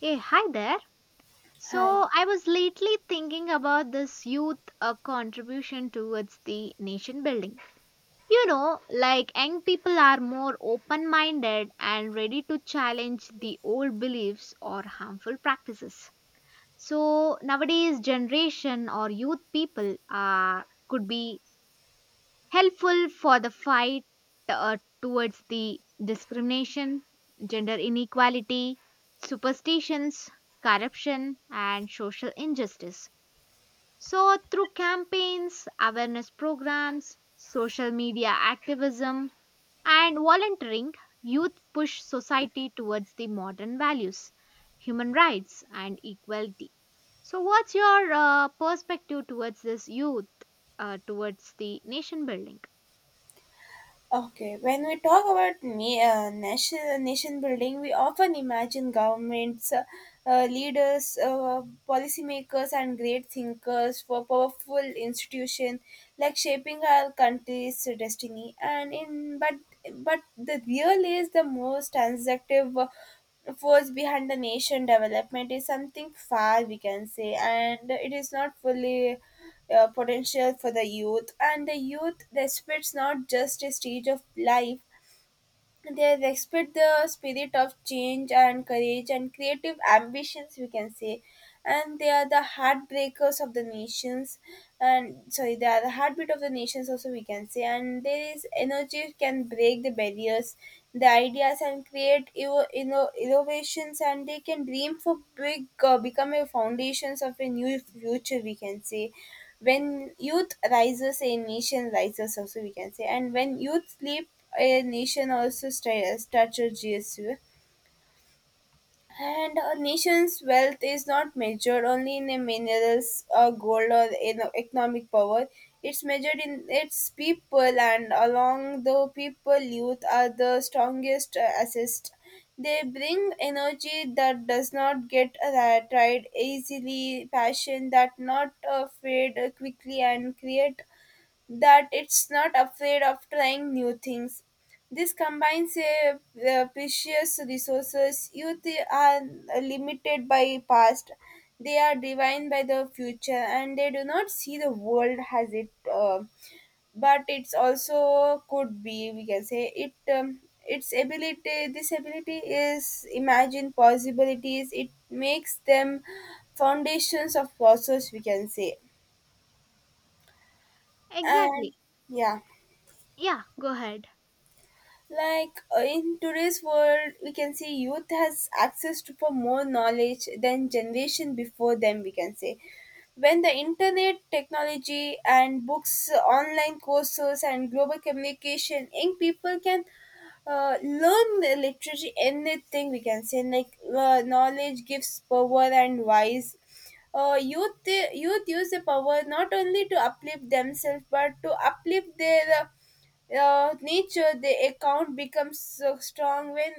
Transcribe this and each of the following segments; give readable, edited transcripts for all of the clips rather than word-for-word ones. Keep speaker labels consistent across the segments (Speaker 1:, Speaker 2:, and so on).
Speaker 1: Hey, hi there.
Speaker 2: Hi.
Speaker 1: So, I was lately thinking about this youth contribution towards the nation building. You know, like young people are more open minded and ready to challenge the old beliefs or harmful practices. So, nowadays, generation or youth people are could be helpful for the fight towards the discrimination, gender inequality, superstitions, corruption, and social injustice. So, through campaigns, awareness programs, social media activism, and volunteering, youth push society towards the modern values, human rights, and equality. So, what's your perspective towards this youth, towards the nation building?
Speaker 2: Okay, when we talk about nation building, we often imagine governments, leaders, policymakers, and great thinkers for powerful institution like shaping our country's destiny. And in but the real is the most transactive force behind the nation development is something far we can say, and it is not fully potential for the youth, and the youth respects not just a stage of life, they respect the spirit of change and courage and creative ambitions we can say, and they are the heartbreakers of the nations and sorry they are the heartbeat of the nations also we can say, and there is energy can break the barriers, the ideas and create you know innovations, and they can dream for big, become a foundations of a new future we can say. When youth rises a nation rises also we can say, and when youth sleep a nation also strategies, and a nation's wealth is not measured only in a minerals or gold or in economic power, it's measured in its people, and along the people youth are the strongest assist. They bring energy that does not get tired easily, passion that not fade quickly, and create that it's not afraid of trying new things. This combines precious resources. Youth are limited by past. They are defined by the future, and they do not see the world as it. But it's also could be we can say it. Its ability, this ability is imagine possibilities. It makes them foundations of process, we can say,
Speaker 1: Exactly.
Speaker 2: and yeah.
Speaker 1: Yeah, go ahead.
Speaker 2: Like in today's world we can see youth has access to for more knowledge than generation before them we can say, when the internet technology and books online courses and global communication young people can learn the literature anything we can say. Like knowledge gives power, and wise uh, youth youth use the power not only to uplift themselves but to uplift their nature. The account becomes so strong when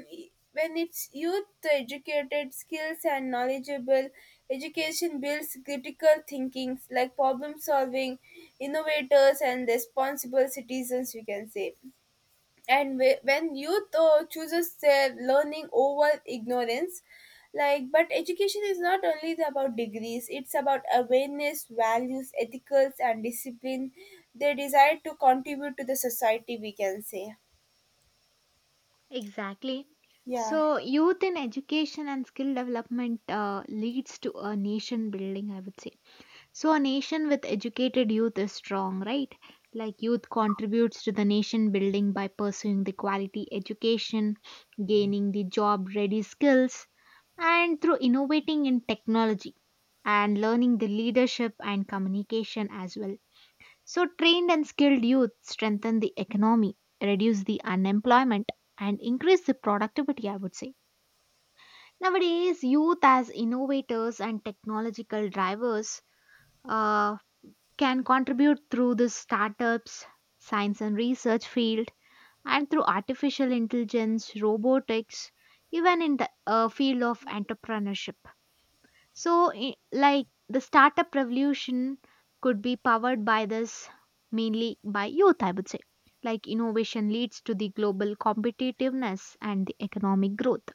Speaker 2: when it's youth educated, skills and knowledgeable. Education builds critical thinkings like problem solving, innovators and responsible citizens we can say, and when youth chooses their learning over ignorance. Like, but education is not only about degrees, it's about awareness, values, ethicals and discipline. They desire to contribute to the society we can say.
Speaker 1: Exactly.
Speaker 2: Yeah.
Speaker 1: So, youth in education and skill development leads to a nation building, I would say. So, a nation with educated youth is strong, right? Like, youth contributes to the nation building by pursuing the quality education, gaining the job ready skills, and through innovating in technology and learning the leadership and communication as well. So, trained and skilled youth strengthen the economy, reduce the unemployment, and increase the productivity, I would say. Nowadays, youth as innovators and technological drivers uh, can contribute through the startups, science and research field, and through artificial intelligence, robotics, even in the field of entrepreneurship. So, i- like the startup revolution could be powered by this mainly by youth, I would say. Like innovation leads to the global competitiveness and the economic growth.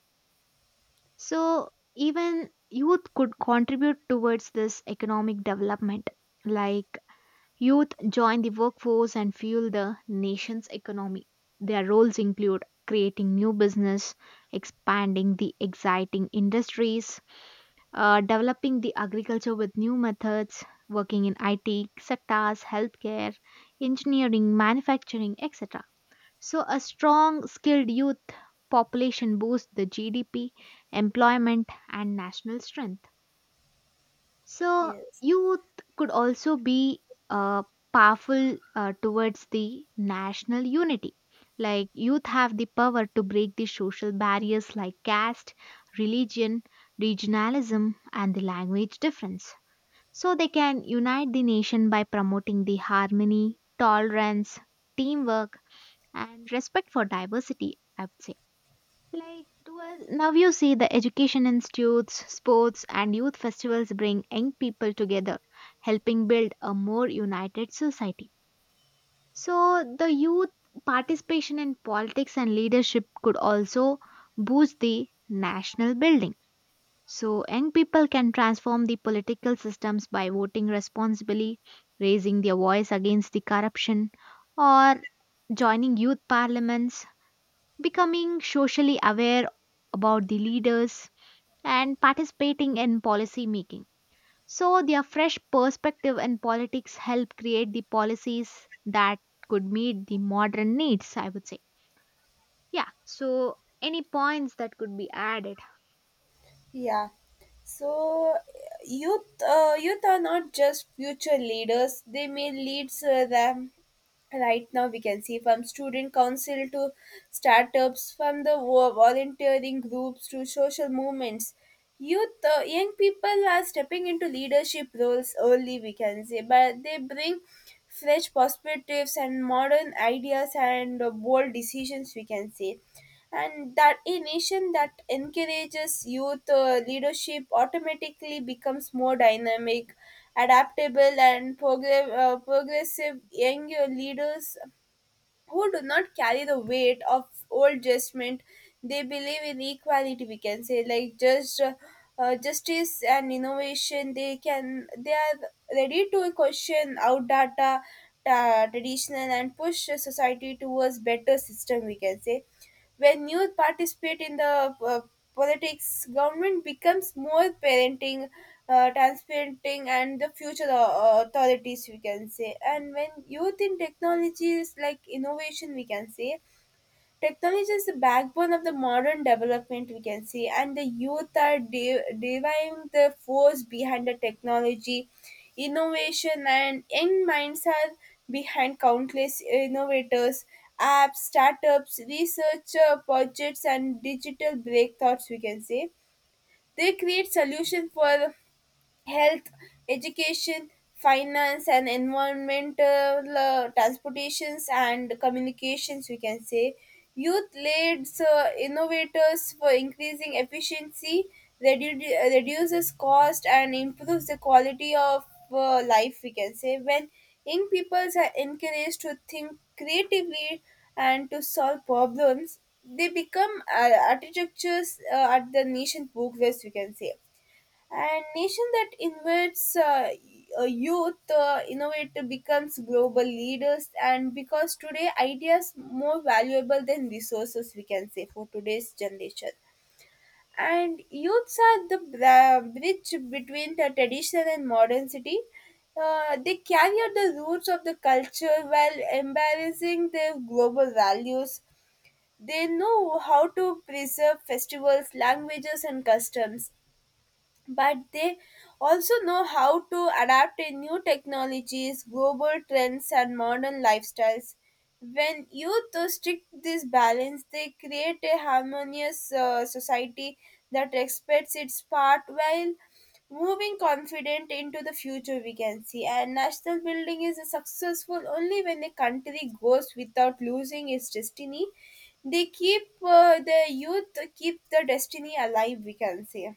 Speaker 1: So, even youth could contribute towards this economic development. Like youth join the workforce and fuel the nation's economy. Their roles include creating new business, expanding the exciting industries, developing the agriculture with new methods, working in IT sectors, healthcare, engineering, manufacturing, etc. So, a strong, skilled youth population boosts the GDP, employment, and national strength. So,
Speaker 2: Yes.
Speaker 1: youth could also be uh, powerful towards the national unity. Like, youth have the power to break the social barriers like caste, religion, regionalism, and the language difference. So, they can unite the nation by promoting the harmony, tolerance, teamwork, and respect for diversity, I would say. Like towards now you see the education institutes, sports and youth festivals bring young people together, helping build a more united society. So the youth participation in politics and leadership could also boost the national building. So young people can transform the political systems by voting responsibly, raising their voice against the corruption or joining youth parliaments becoming socially aware about the leaders and participating in policy making. So their fresh perspective in politics help create the policies that could meet the modern needs, I would say. Yeah. So any points that could be added?
Speaker 2: Yeah, so youth youth are not just future leaders, they may lead them right now. We can see from student council to startups, from the volunteering groups to social movements, youth young people are stepping into leadership roles early we can say, but they bring fresh perspectives and modern ideas and bold decisions we can say. And that a nation that encourages youth leadership automatically becomes more dynamic, adaptable and progressive. Young leaders who do not carry the weight of old judgment, they believe in equality we can say, like justice and innovation they can, they are ready to question out data, traditional, and push society towards better system we can say. When youth participate in the politics, government becomes more parenting, transparenting, and the future authorities, we can say. And when youth in technologies like innovation, we can say, technology is the backbone of the modern development, we can see, and the youth are deriving the force behind the technology. Innovation and young minds are behind countless innovators, apps, startups, research projects, and digital breakthroughs, we can say. They create solutions for health, education, finance, and environmental transportations and communications, we can say. Youth leads innovators for increasing efficiency, reduces cost, and improves the quality of life, we can say. When young people are encouraged to think creatively and to solve problems, they become architectures at the nation progress, we can say, and nation that invests youth innovate becomes global leaders, and because today ideas more valuable than resources we can say for today's generation. And youths are the bridge between the traditional and modern city, they carry out the roots of the culture while embracing their global values. They know how to preserve festivals, languages and customs, but they also know how to adapt to new technologies, global trends, and modern lifestyles. When youth restrict this balance, they create a harmonious society that respects its part while moving confident into the future we can see, and national building is successful only when a country goes without losing its destiny. They keep the youth keep the destiny alive we can say.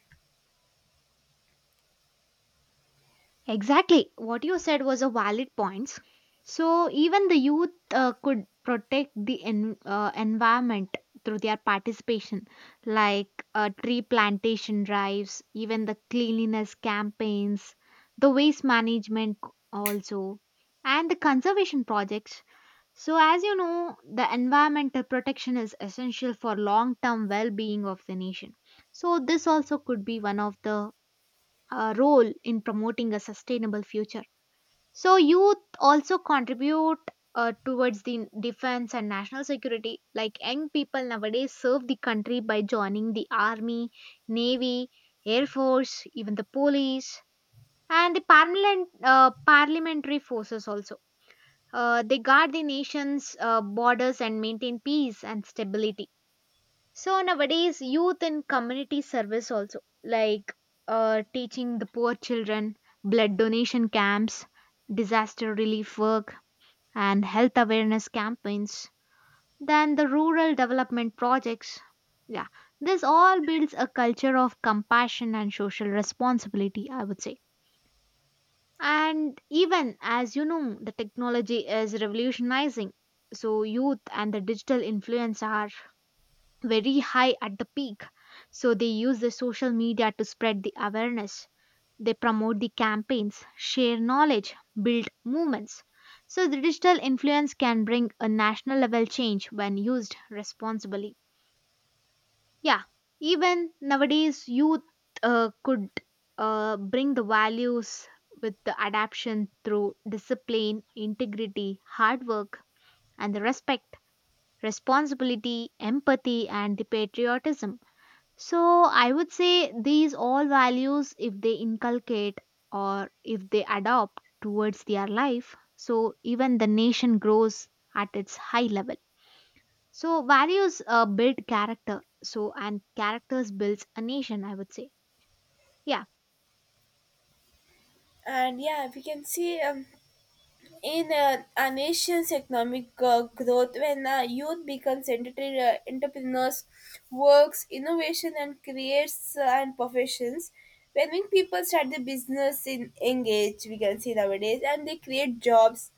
Speaker 1: Exactly. What you said was a valid point. So even the youth could protect the environment through their participation, like tree plantation drives, even the cleanliness campaigns, the waste management also, and the conservation projects. So as you know, the environmental protection is essential for long-term well-being of the nation. So this also could be one of the role in promoting a sustainable future. So, youth also contribute towards the defense and national security. Like young people nowadays serve the country by joining the army, navy, air force, even the police, and the parliamentary forces also. They guard the nation's borders and maintain peace and stability. So nowadays, youth and community service also, like teaching the poor children, blood donation camps, disaster relief work, and health awareness campaigns, then the rural development projects. Yeah, this all builds a culture of compassion and social responsibility, I would say. And even as you know, the technology is revolutionizing. So, youth and the digital influence are very high at the peak. So they use the social media to spread the awareness. They promote the campaigns, share knowledge, build movements. So the digital influence can bring a national level change when used responsibly. Yeah, even nowadays, youth could bring the values with the adaptation through discipline, integrity, hard work, and the respect, responsibility, empathy, and the patriotism. So I would say these all values, if they inculcate or if they adopt towards their life, so even the nation grows at its high level. So values build character. So and characters builds a nation. I would say. Yeah.
Speaker 2: And yeah, we can see in a nation's economic growth, when youth becomes entrepreneurs, works innovation and creates and professions, when we people start the business in engage we can see nowadays, and they create jobs.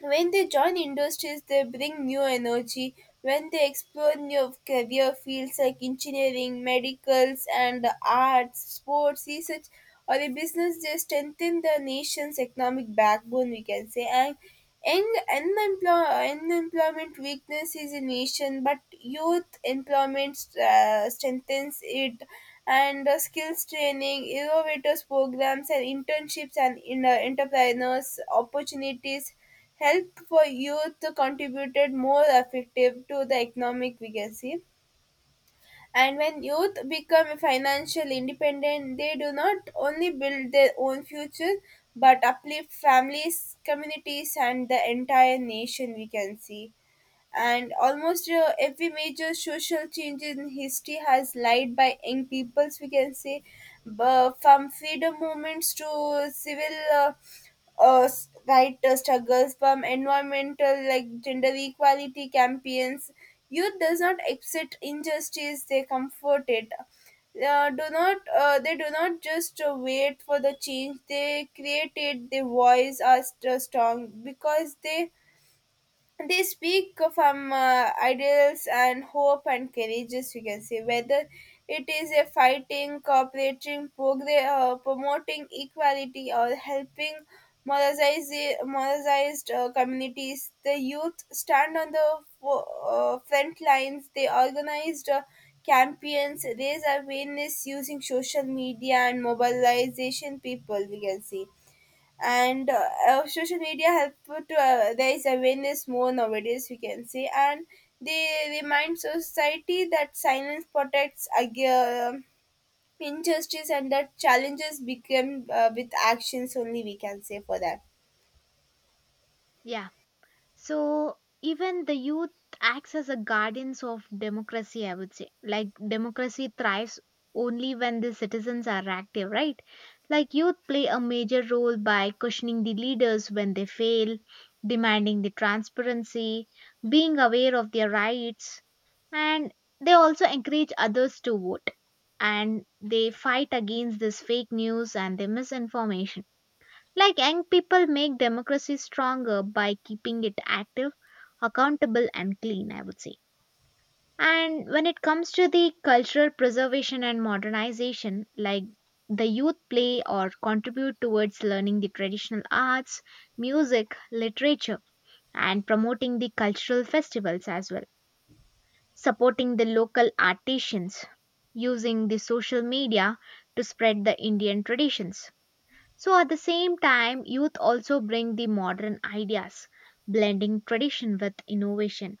Speaker 2: When they join industries, they bring new energy. When they explore new career fields like engineering, medicals, and arts, sports, research, or a business, they strengthen the nation's economic backbone, we can say. And young unemployment weaknesses a nation, but youth employment strengthens it, and skills training, innovators programs, and internships and entrepreneurs opportunities help for youth to contributed more effective to the economic legacy. And when youth become financially independent, they do not only build their own future but uplift families, communities, and the entire nation, we can see. And almost every major social change in history has led by young peoples we can say, but from freedom movements to civil struggles, from environmental like gender equality campaigns, youth does not accept injustice, they comfort it. Uh, do not uh, they do not just wait for the change, they create it. Their voice are strong because they speak from ideals and hope and courageous you can say, whether it is a fighting cooperating progress, promoting equality or helping marginalized communities, the youth stand on the fo- front lines. They organized campaigns, raise awareness using social media and mobilization people we can see. And social media help to there is awareness more nowadays we can say, and they remind society that silence protects against injustice, and that challenges become with actions only we can say for that.
Speaker 1: Yeah. So even the youth acts as a guardians of democracy, I would say. Like democracy thrives only when the citizens are active, right? Like youth play a major role by questioning the leaders when they fail, demanding the transparency, being aware of their rights, and they also encourage others to vote. And they fight against this fake news and the misinformation like young people make democracy stronger by keeping it active, accountable, and clean, I would say. And when it comes to the cultural preservation and modernization, like the youth play or contribute towards learning the traditional arts, music, literature, and promoting the cultural festivals as well, supporting the local artisans, using the social media to spread the Indian traditions so at the same time, youth also bring the modern ideas, blending tradition with innovation.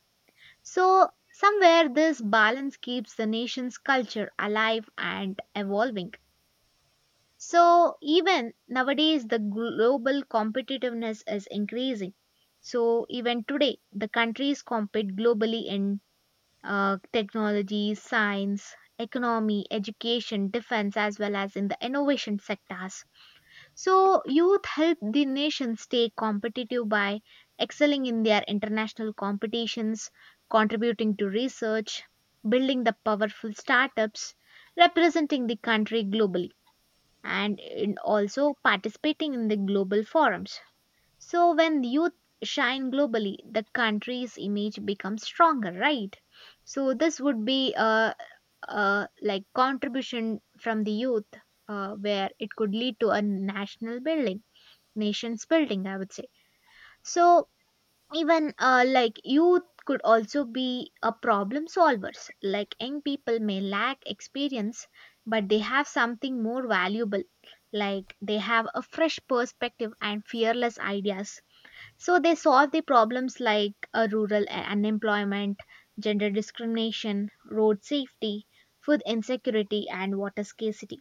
Speaker 1: So somewhere this balance keeps the nation's culture alive and evolving. So even nowadays the global competitiveness is increasing. So even today the countries compete globally in technology, science, economy, education, defense as well as in the innovation sectors. So, youth help the nation stay competitive by excelling in their international competitions, contributing to research, building the powerful startups, representing the country globally, and in also participating in the global forums. So, when the youth shine globally, the country's image becomes stronger, right? So, this would be a like contribution from the youth where it could lead to a national building nations building I would say. So even like youth could also be a problem solvers like young people may lack experience but they have something more valuable like they have a fresh perspective and fearless ideas. So they solve the problems like rural unemployment, gender discrimination, road safety, food insecurity and water scarcity.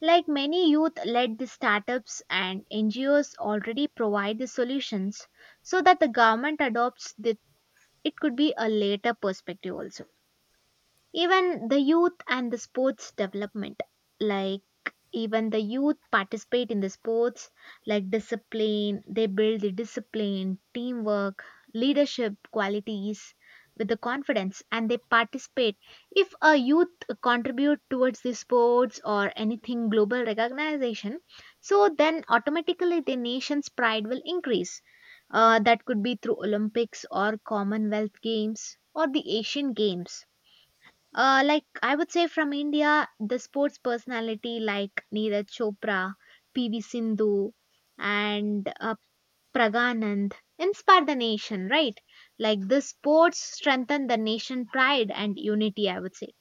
Speaker 1: Like many youth led startups and NGOs already provide the solutions so that the government adopts that, it could be a later perspective also. Even the youth and the sports development, like even the youth participate in the sports like discipline, they build the discipline, teamwork, leadership qualities with the confidence and they participate. If a youth contribute towards the sports or anything global recognition, so then automatically the nation's pride will increase. That could be through Olympics or Commonwealth Games or the Asian Games like I would say from India, the sports personality like Neeraj Chopra, PV Sindhu, and Praganand inspire the nation, right? Like the sports strengthen the nation pride and unity. I would say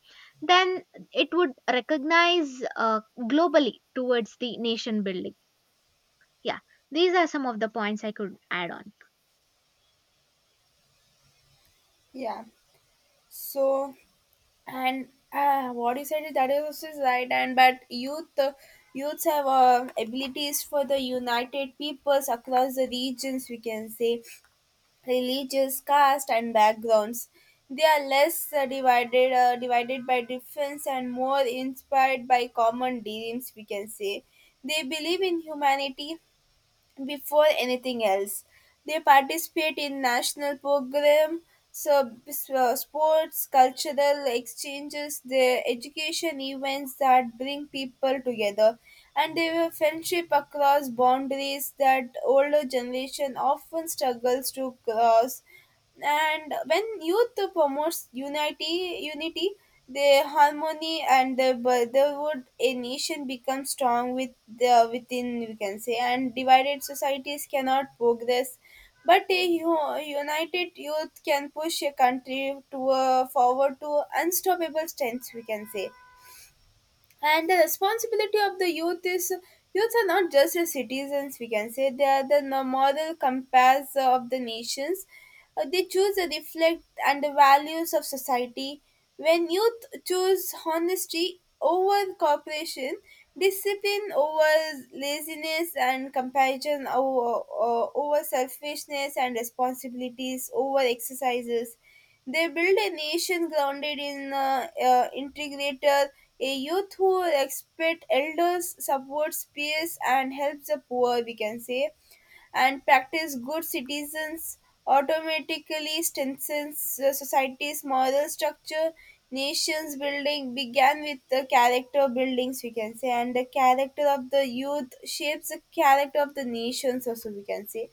Speaker 1: then it would recognize globally towards the nation building. Yeah, these are some of the points I could add on.
Speaker 2: Yeah, so, and what you said is that is also is right, and but youth youths have abilities for the united peoples across the regions we can say, religious caste and backgrounds. They are less divided by difference and more inspired by common dreams we can say. They believe in humanity before anything else. They participate in national programs, sports, cultural exchanges, their education events that bring people together, and they have friendship across boundaries that older generation often struggles to cross. And when youth promotes unity, the harmony and the brotherhood, a nation becomes strong with the within we can say. And divided societies cannot progress, but a united youth can push a country to a forward to unstoppable strengths we can say. And the responsibility of the youth is, youth are not just the citizens, we can say, they are the moral compass of the nations. They choose the reflect and the values of society. When youth choose honesty over cooperation, discipline over laziness, and compassion over selfishness, and responsibilities over exercises, they build a nation grounded in integrator. A youth who respect elders, supports peers, and helps the poor, we can say, and practice good citizens automatically strengthens the society's moral structure. Nations building began with the character buildings, we can say, and the character of the youth shapes the character of the nations, also, we can say.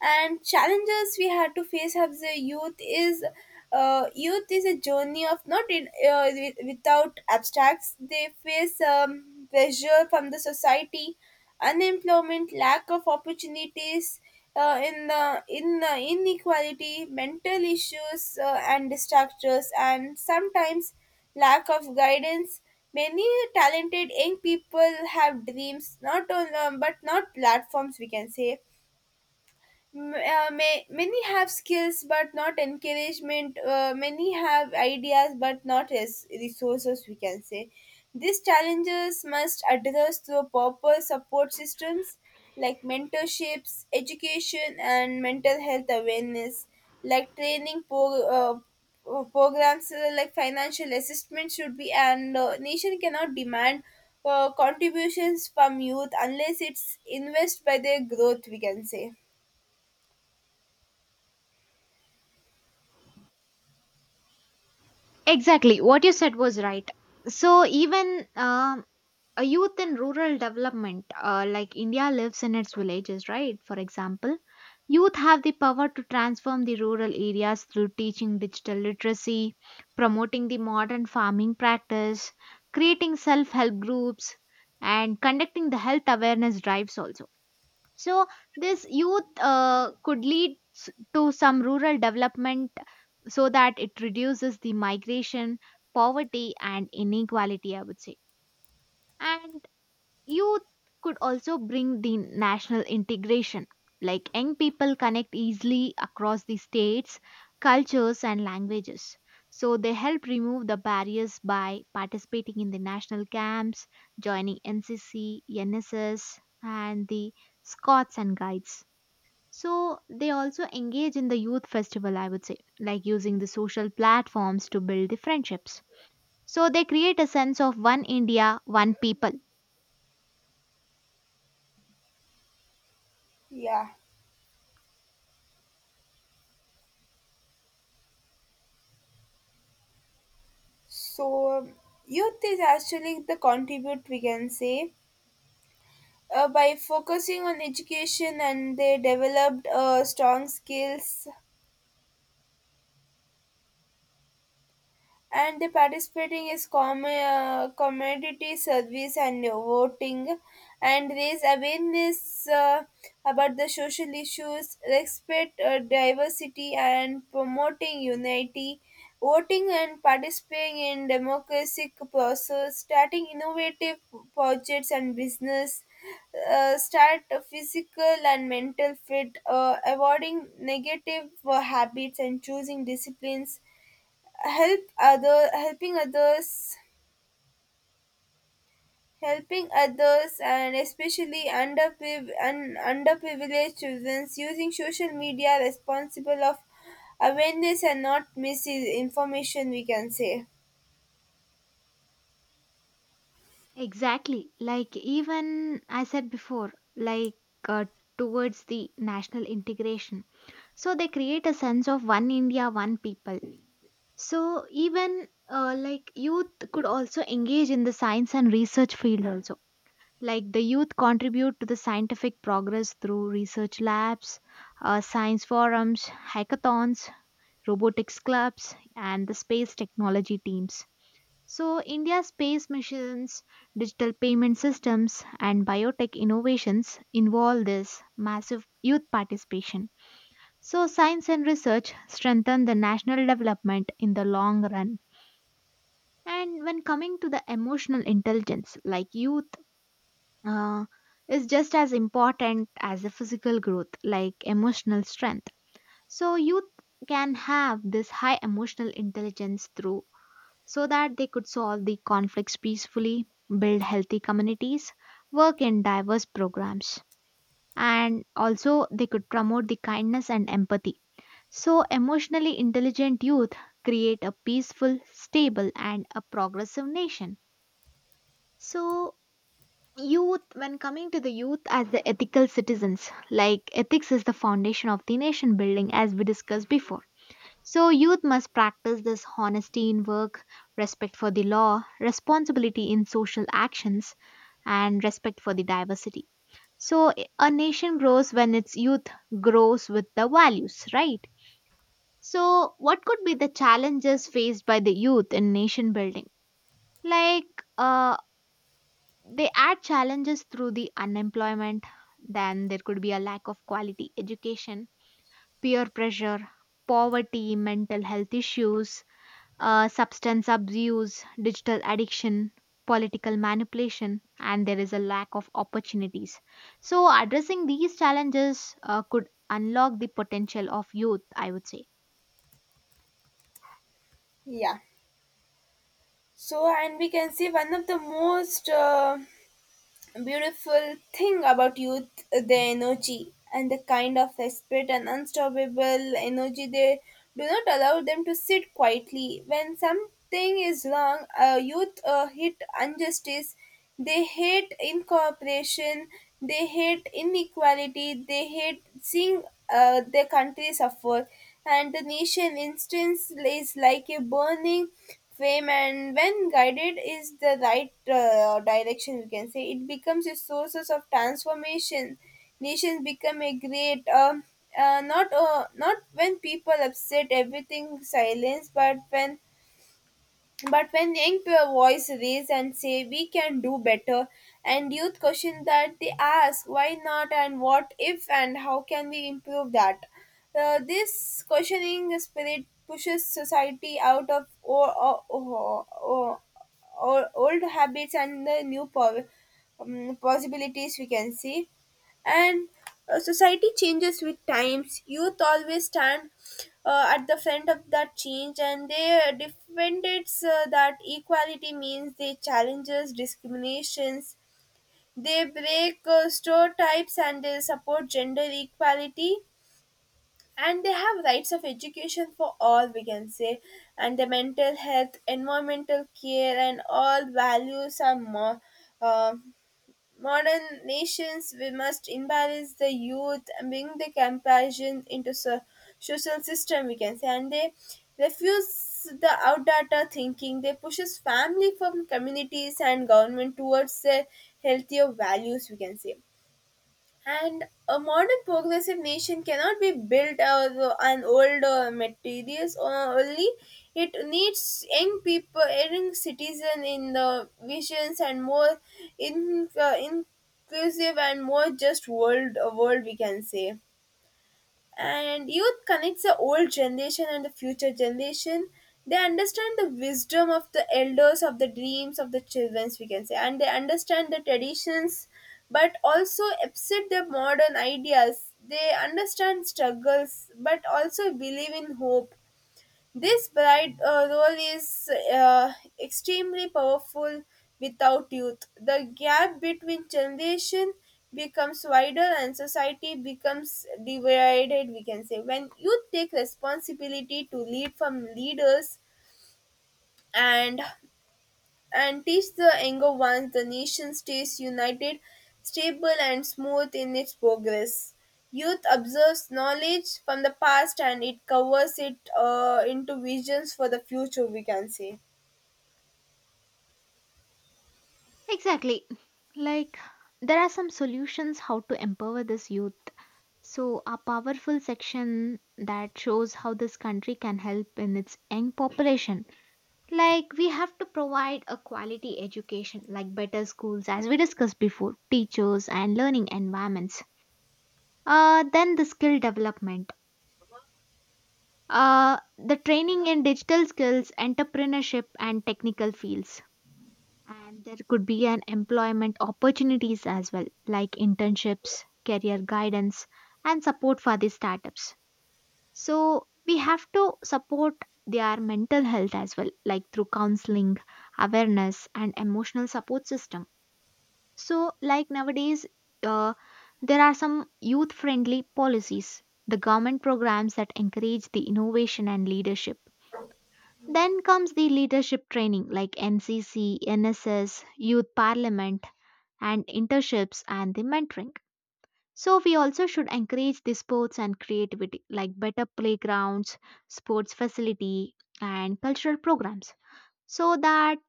Speaker 2: And challenges we had to face as a youth is, youth is a journey of not without abstracts. They face pressure from the society, unemployment, lack of opportunities, in the inequality mental issues, and distractors, and sometimes lack of guidance. Many talented young people have dreams not on but not platforms we can say. Many have skills but not encouragement, many have ideas but not resources we can say. These challenges must address through proper support systems like mentorships, education and mental health awareness, like training programs, like financial assistance should be. And nation cannot demand contributions from youth unless it's invest by their growth we can say.
Speaker 1: Exactly, what you said was right. So even a youth in rural development like India lives in its villages right, for example, youth have the power to transform the rural areas through teaching digital literacy, promoting the modern farming practice, creating self-help groups, and conducting the health awareness drives also. So this youth could lead to some rural development so that it reduces the migration, poverty and inequality, I would say. And youth could also bring the national integration, like young people connect easily across the states, cultures, and languages. So they help remove the barriers by participating in the national camps, joining NCC, NSS, and the Scouts and Guides. So they also engage in the youth festival, I would say, like using the social platforms to build the friendships. So they create a sense of one India, one people.
Speaker 2: Yeah. So, youth is actually the contribute we can say. By focusing on education and they developed strong skills and the participating is community service and voting and raise awareness about the social issues, respect diversity and promoting unity, voting and participating in democratic process, starting innovative projects and business. Uh, Start a physical and mental fit, avoiding negative habits and choosing disciplines, helping others, helping others and especially underpriv- and underprivileged children, using social media responsible of awareness and not misinformation, we can say.
Speaker 1: Exactly. Like, even I said before, like uh, towards the national integration. So they create a sense of one India, one people. So even like youth could also engage in the science and research field also. Like the youth contribute to the scientific progress through research labs, science forums, hackathons, robotics clubs, and the space technology teams. So, India's space missions, digital payment systems, and biotech innovations involve this massive youth participation. So, science and research strengthen the national development in the long run. And when coming to the emotional intelligence, like youth, uh, is just as important as the physical growth, like emotional strength. So, youth can have this high emotional intelligence through so that they could solve the conflicts peacefully, build healthy communities, work in diverse programs, and also they could promote the kindness and empathy. So, emotionally intelligent youth create a peaceful, stable, and a progressive nation. So, youth, when coming to the youth as the ethical citizens, like ethics is the foundation of the nation building, as we discussed before. So, youth must practice this honesty in work, respect for the law, responsibility in social actions, and respect for the diversity. So, a nation grows when its youth grows with the values, right? So, what could be the challenges faced by the youth in nation building? Like, uh, they add challenges through the unemployment, then there could be a lack of quality education, peer pressure, poverty, mental health issues, substance abuse, digital addiction, political manipulation, and there is a lack of opportunities. So, addressing these challenges could unlock the potential of youth, I would say.
Speaker 2: Yeah. So, and we can see one of the most beautiful thing about youth: the energy and the kind of spirit and unstoppable energy, they do not allow them to sit quietly when something is wrong. Youth hate injustice, they hate incorporation, they hate inequality, they hate seeing their country suffer, and the nation instance is like a burning flame, and when guided is the right direction, you can say, it becomes a sources of transformation. Nations become a great not when people upset everything silence, but when, but when voice raise and say we can do better, and youth question that, they ask why not and what if and how can we improve that. This questioning spirit pushes society out of old habits and the new possibilities, we can see. And society changes with times, youth always stand at the front of that change, and they defend it, that equality means they challenges discriminations, they break stereotypes and they support gender equality, and they have rights of education for all, we can say. And the mental health, environmental care and all values are more uh, modern nations. We must imbalance the youth and bring the compassion into social system, we can say, and they refuse the outdated thinking, they pushes family from communities and government towards the healthier values, we can say. And a modern progressive nation cannot be built out of an old materials only. It needs young people, young citizen in the visions and more in, inclusive and more just world, we can say. And youth connects the old generation and the future generation, they understand the wisdom of the elders, of the dreams of the childrens, we can say, and they understand the traditions but also accept the modern ideas, they understand struggles but also believe in hope. This bride role is extremely powerful without youth. The gap between generation becomes wider and society becomes divided, we can say. When youth take responsibility to lead from leaders and teach the younger ones, the nation stays united, stable, and smooth in its progress. Youth absorbs knowledge from the past and it covers it into visions for the future, we can say.
Speaker 1: Exactly. Like, there are some solutions how to empower this youth. So, a powerful section that shows how this country can help in its young population. Like, we have to provide a quality education, like better schools, as we discussed before, teachers and learning environments. Then the skill development, the training in digital skills, entrepreneurship, and technical fields. And there could be an employment opportunities as well, like internships, career guidance, and support for the startups. So we have to support their mental health as well, like through counseling, awareness, and emotional support system. So, like nowadays, uh, there are some youth friendly policies, the government programs that encourage the innovation and leadership. Then comes the leadership training like NCC, NSS, youth parliament, and internships and the mentoring. So we also should encourage the sports and creativity like better playgrounds, sports facility and cultural programs so that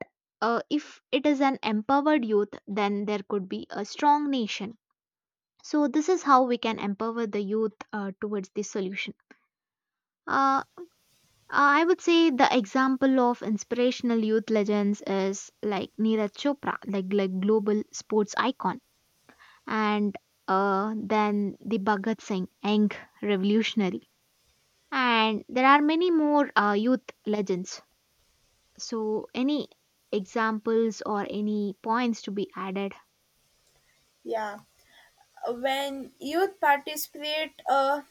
Speaker 1: if it is an empowered youth then there could be a strong nation. So this is how we can empower the youth towards the solution. Uh, I would say the example of inspirational youth legends is like Neeraj Chopra, like global sports icon and then the Bhagat Singh, young revolutionary. And there are many more youth legends. So, any examples or any points to be added?
Speaker 2: Yeah. When youth participate, uh,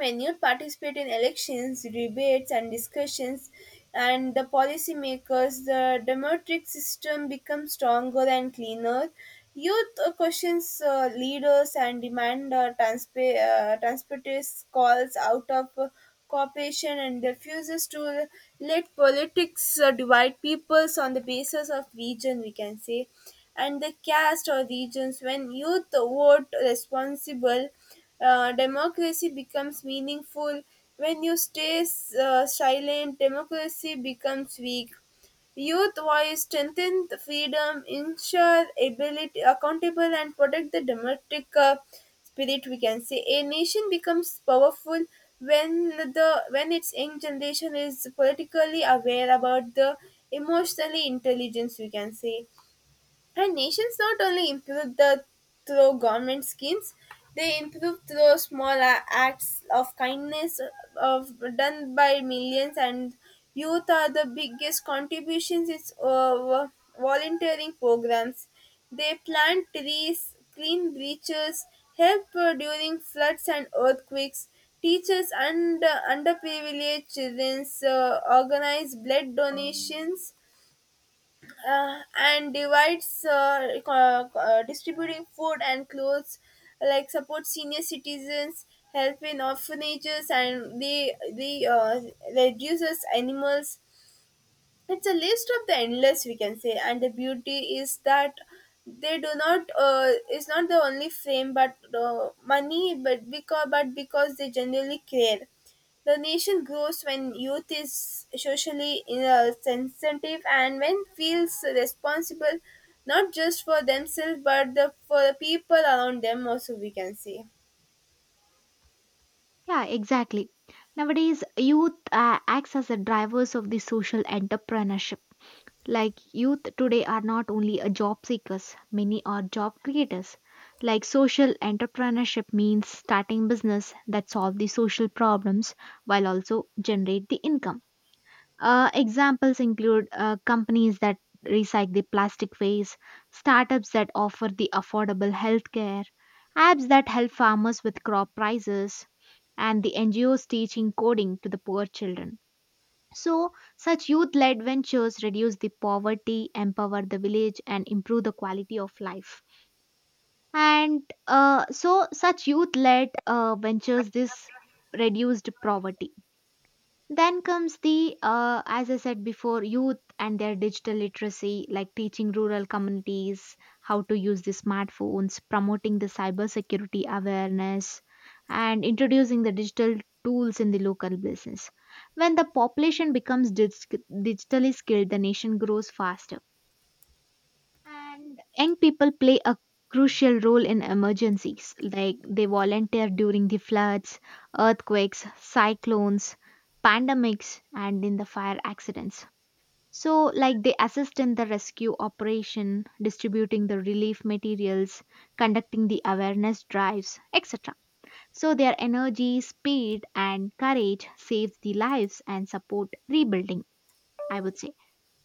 Speaker 2: When youth participate in elections, debates, and discussions, and the policymakers, the democratic system becomes stronger and cleaner. Youth questions leaders and demand transparent calls out of cooperation, and refuses to let politics divide peoples on the basis of region, we can say, and the caste or regions. When youth vote responsible, democracy becomes meaningful. When you stay silent, democracy becomes weak. Youth voice strengthen the freedom, ensure ability, accountable, and protect the democratic spirit. We can say a nation becomes powerful when its young generation is politically aware about the emotionally intelligence. We can say, and nations not only improve the through government schemes, they improve through small acts of kindness of done by millions. And youth are the biggest contributions. It's volunteering programs. They plant trees, clean beaches, help during floods and earthquakes. Teachers and underprivileged children organize blood donations, and divides distributing food and clothes, like support senior citizens, help in orphanages, and they reduces animals. It's a list of the endless, we can say, and the beauty is that they do not is not the only frame but money, but because they generally care. The nation grows when youth is socially sensitive and when feels responsible, not just for themselves but the for the people around them also, we can say.
Speaker 1: Yeah, exactly. Nowadays, youth acts as the drivers of the social entrepreneurship. Like youth today are not only a job seekers, many are job creators. Like social entrepreneurship means starting business that solve the social problems while also generate the income. Examples include companies that recycle the plastic waste, startups that offer the affordable healthcare, apps that help farmers with crop prices, and the NGOs teaching coding to the poor children. So, such youth led ventures reduce the poverty, empower the village, and improve the quality of life. And so, such youth led ventures, this reduced poverty. Then comes the, as I said before, youth and their digital literacy, like teaching rural communities how to use the smartphones, promoting the cybersecurity awareness, and introducing the digital tools in the local business. When the population becomes digitally skilled, the nation grows faster and young people play a crucial role in emergencies, like they volunteer during the floods, earthquakes, cyclones, pandemics, and in the fire accidents. So, like they assist in the rescue operation, distributing the relief materials, conducting the awareness drives, etc. So, their energy, speed, and courage saves the lives and support rebuilding, I would say.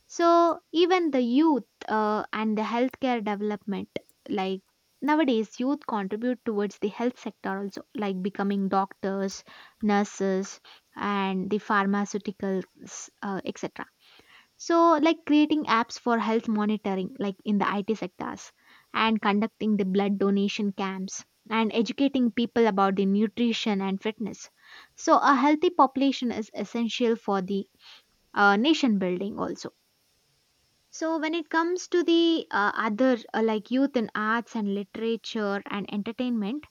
Speaker 1: So even the youth and the healthcare development, like nowadays, youth contribute towards the health sector also, like becoming doctors, nurses, and the pharmaceuticals, etc. So like creating apps for health monitoring, like in the IT sectors, and conducting the blood donation camps and educating people about the nutrition and fitness. So a healthy population is essential for the nation building also. So, when it comes to the other like youth in arts and literature and entertainment,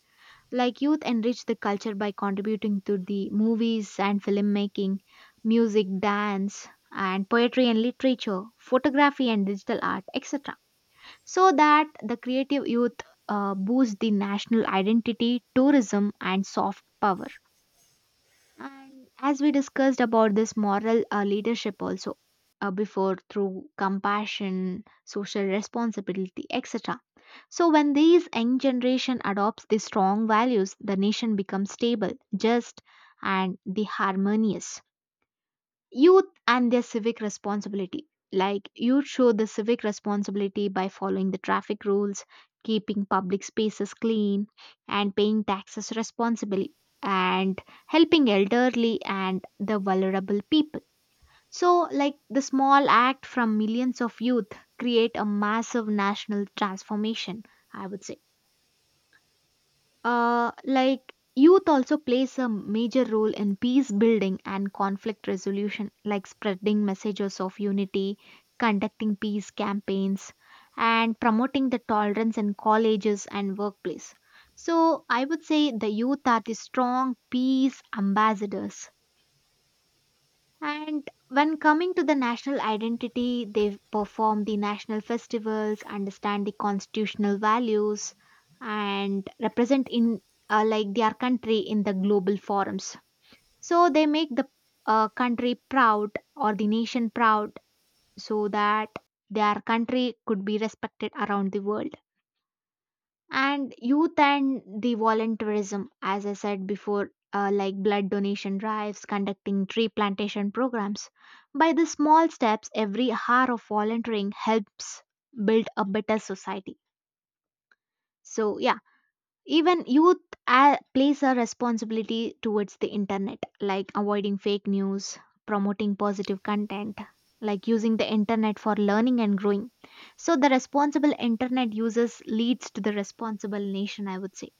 Speaker 1: like youth enrich the culture by contributing to the movies and filmmaking, music, dance, and poetry and literature, photography and digital art, etc. So that the creative youth boosts the national identity, tourism, and soft power. And as we discussed about this moral leadership also before through compassion, social responsibility, etc. So when these young generation adopts these strong values, the nation becomes stable, just, and the harmonious. Youth and their civic responsibility. Like, youth show the civic responsibility by following the traffic rules, keeping public spaces clean, and paying taxes responsibly, and helping elderly and the vulnerable people. So, like, the small act from millions of youth create a massive national transformation, I would say. Like youth also plays a major role in peace building and conflict resolution, like spreading messages of unity, conducting peace campaigns, and promoting the tolerance in colleges and workplace. So I would say the youth are the strong peace ambassadors. And when coming to the national identity, they perform the national festivals, understand the constitutional values, and represent in like their country in the global forums. So they make the country proud or the nation proud, so that their country could be respected around the world. And youth and the volunteerism, as I said before, like blood donation drives, conducting tree plantation programs, by the small steps, every hour of volunteering helps build a better society. So yeah, even youth plays a responsibility towards the internet, like avoiding fake news, promoting positive content, like using the internet for learning and growing. So the responsible internet users leads to the responsible nation, I would say.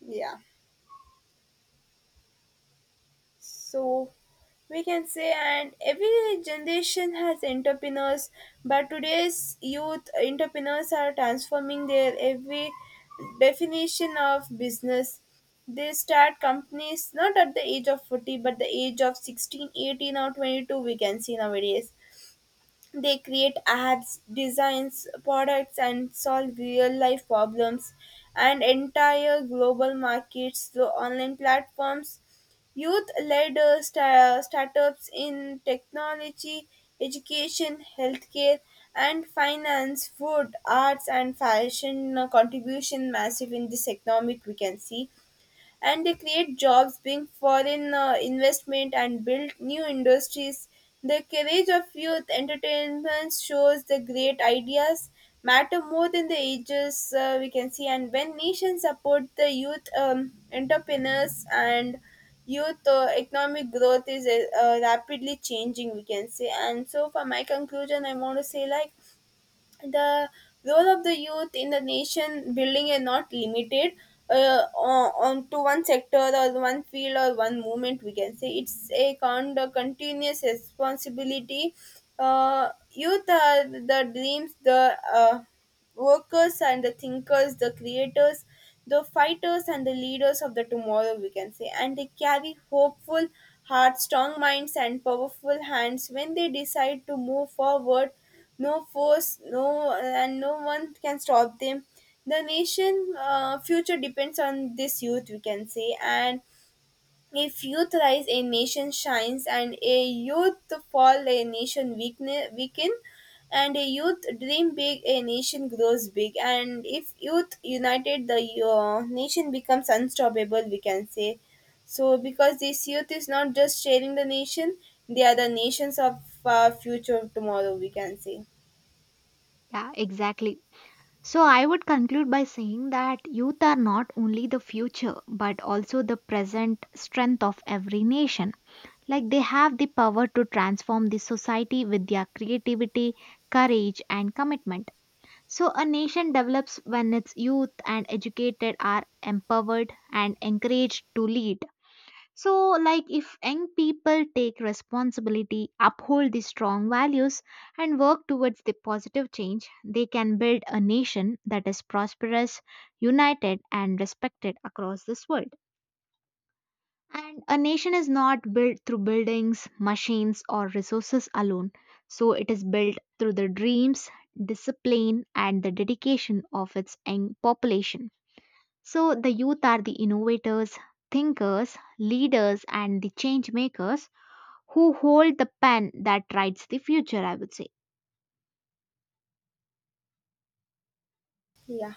Speaker 2: Yeah. So, we can say, and every generation has entrepreneurs, but today's youth entrepreneurs are transforming their every definition of business. They start companies not at the age of 40 but the age of 16, 18, or 22, we can see nowadays. They create ads, designs products, and solve real life problems and entire global markets through online platforms. Youth led startups in technology, education, healthcare, and finance, food, arts, and fashion, contribution massive in this economic, we can see, and they create jobs, bring foreign investment, and build new industries. The courage of youth entertainment shows the great ideas matter more than the ages, we can see, and when nations support the youth, entrepreneurs and youth economic growth is rapidly changing, we can say. And so for my conclusion I want to say, like, the role of the youth in the nation building is not limited on to one sector or one field or one movement, we can say. It's a kind of continuous responsibility. Youth are the dreams, the workers and the thinkers, the creators, the fighters and the leaders of the tomorrow, we can say. And they carry hopeful hearts, strong minds, and powerful hands. When they decide to move forward, no force, no, and no one can stop them. The nation future depends on this youth, we can say, and if youth rise, a nation shines, and a youth fall, a nation weaken, and a youth dream big, a nation grows big. And if youth united, the nation becomes unstoppable, we can say. So, because this youth is not just sharing the nation, they are the nations of future tomorrow, we can say.
Speaker 1: Yeah, exactly. So I would conclude by saying that youth are not only the future but also the present strength of every nation. Like they have the power to transform the society with their creativity, courage, and commitment. So a nation develops when its youth and educated are empowered and encouraged to lead. So, like if young people take responsibility, uphold these strong values, and work towards the positive change, they can build a nation that is prosperous, united, and respected across this world. And a nation is not built through buildings, machines, or resources alone. So, it is built through the dreams, discipline, and the dedication of its young population. So the youth are the innovators, thinkers, leaders, and the change makers who hold the pen that writes the future, I would say.
Speaker 2: Yeah.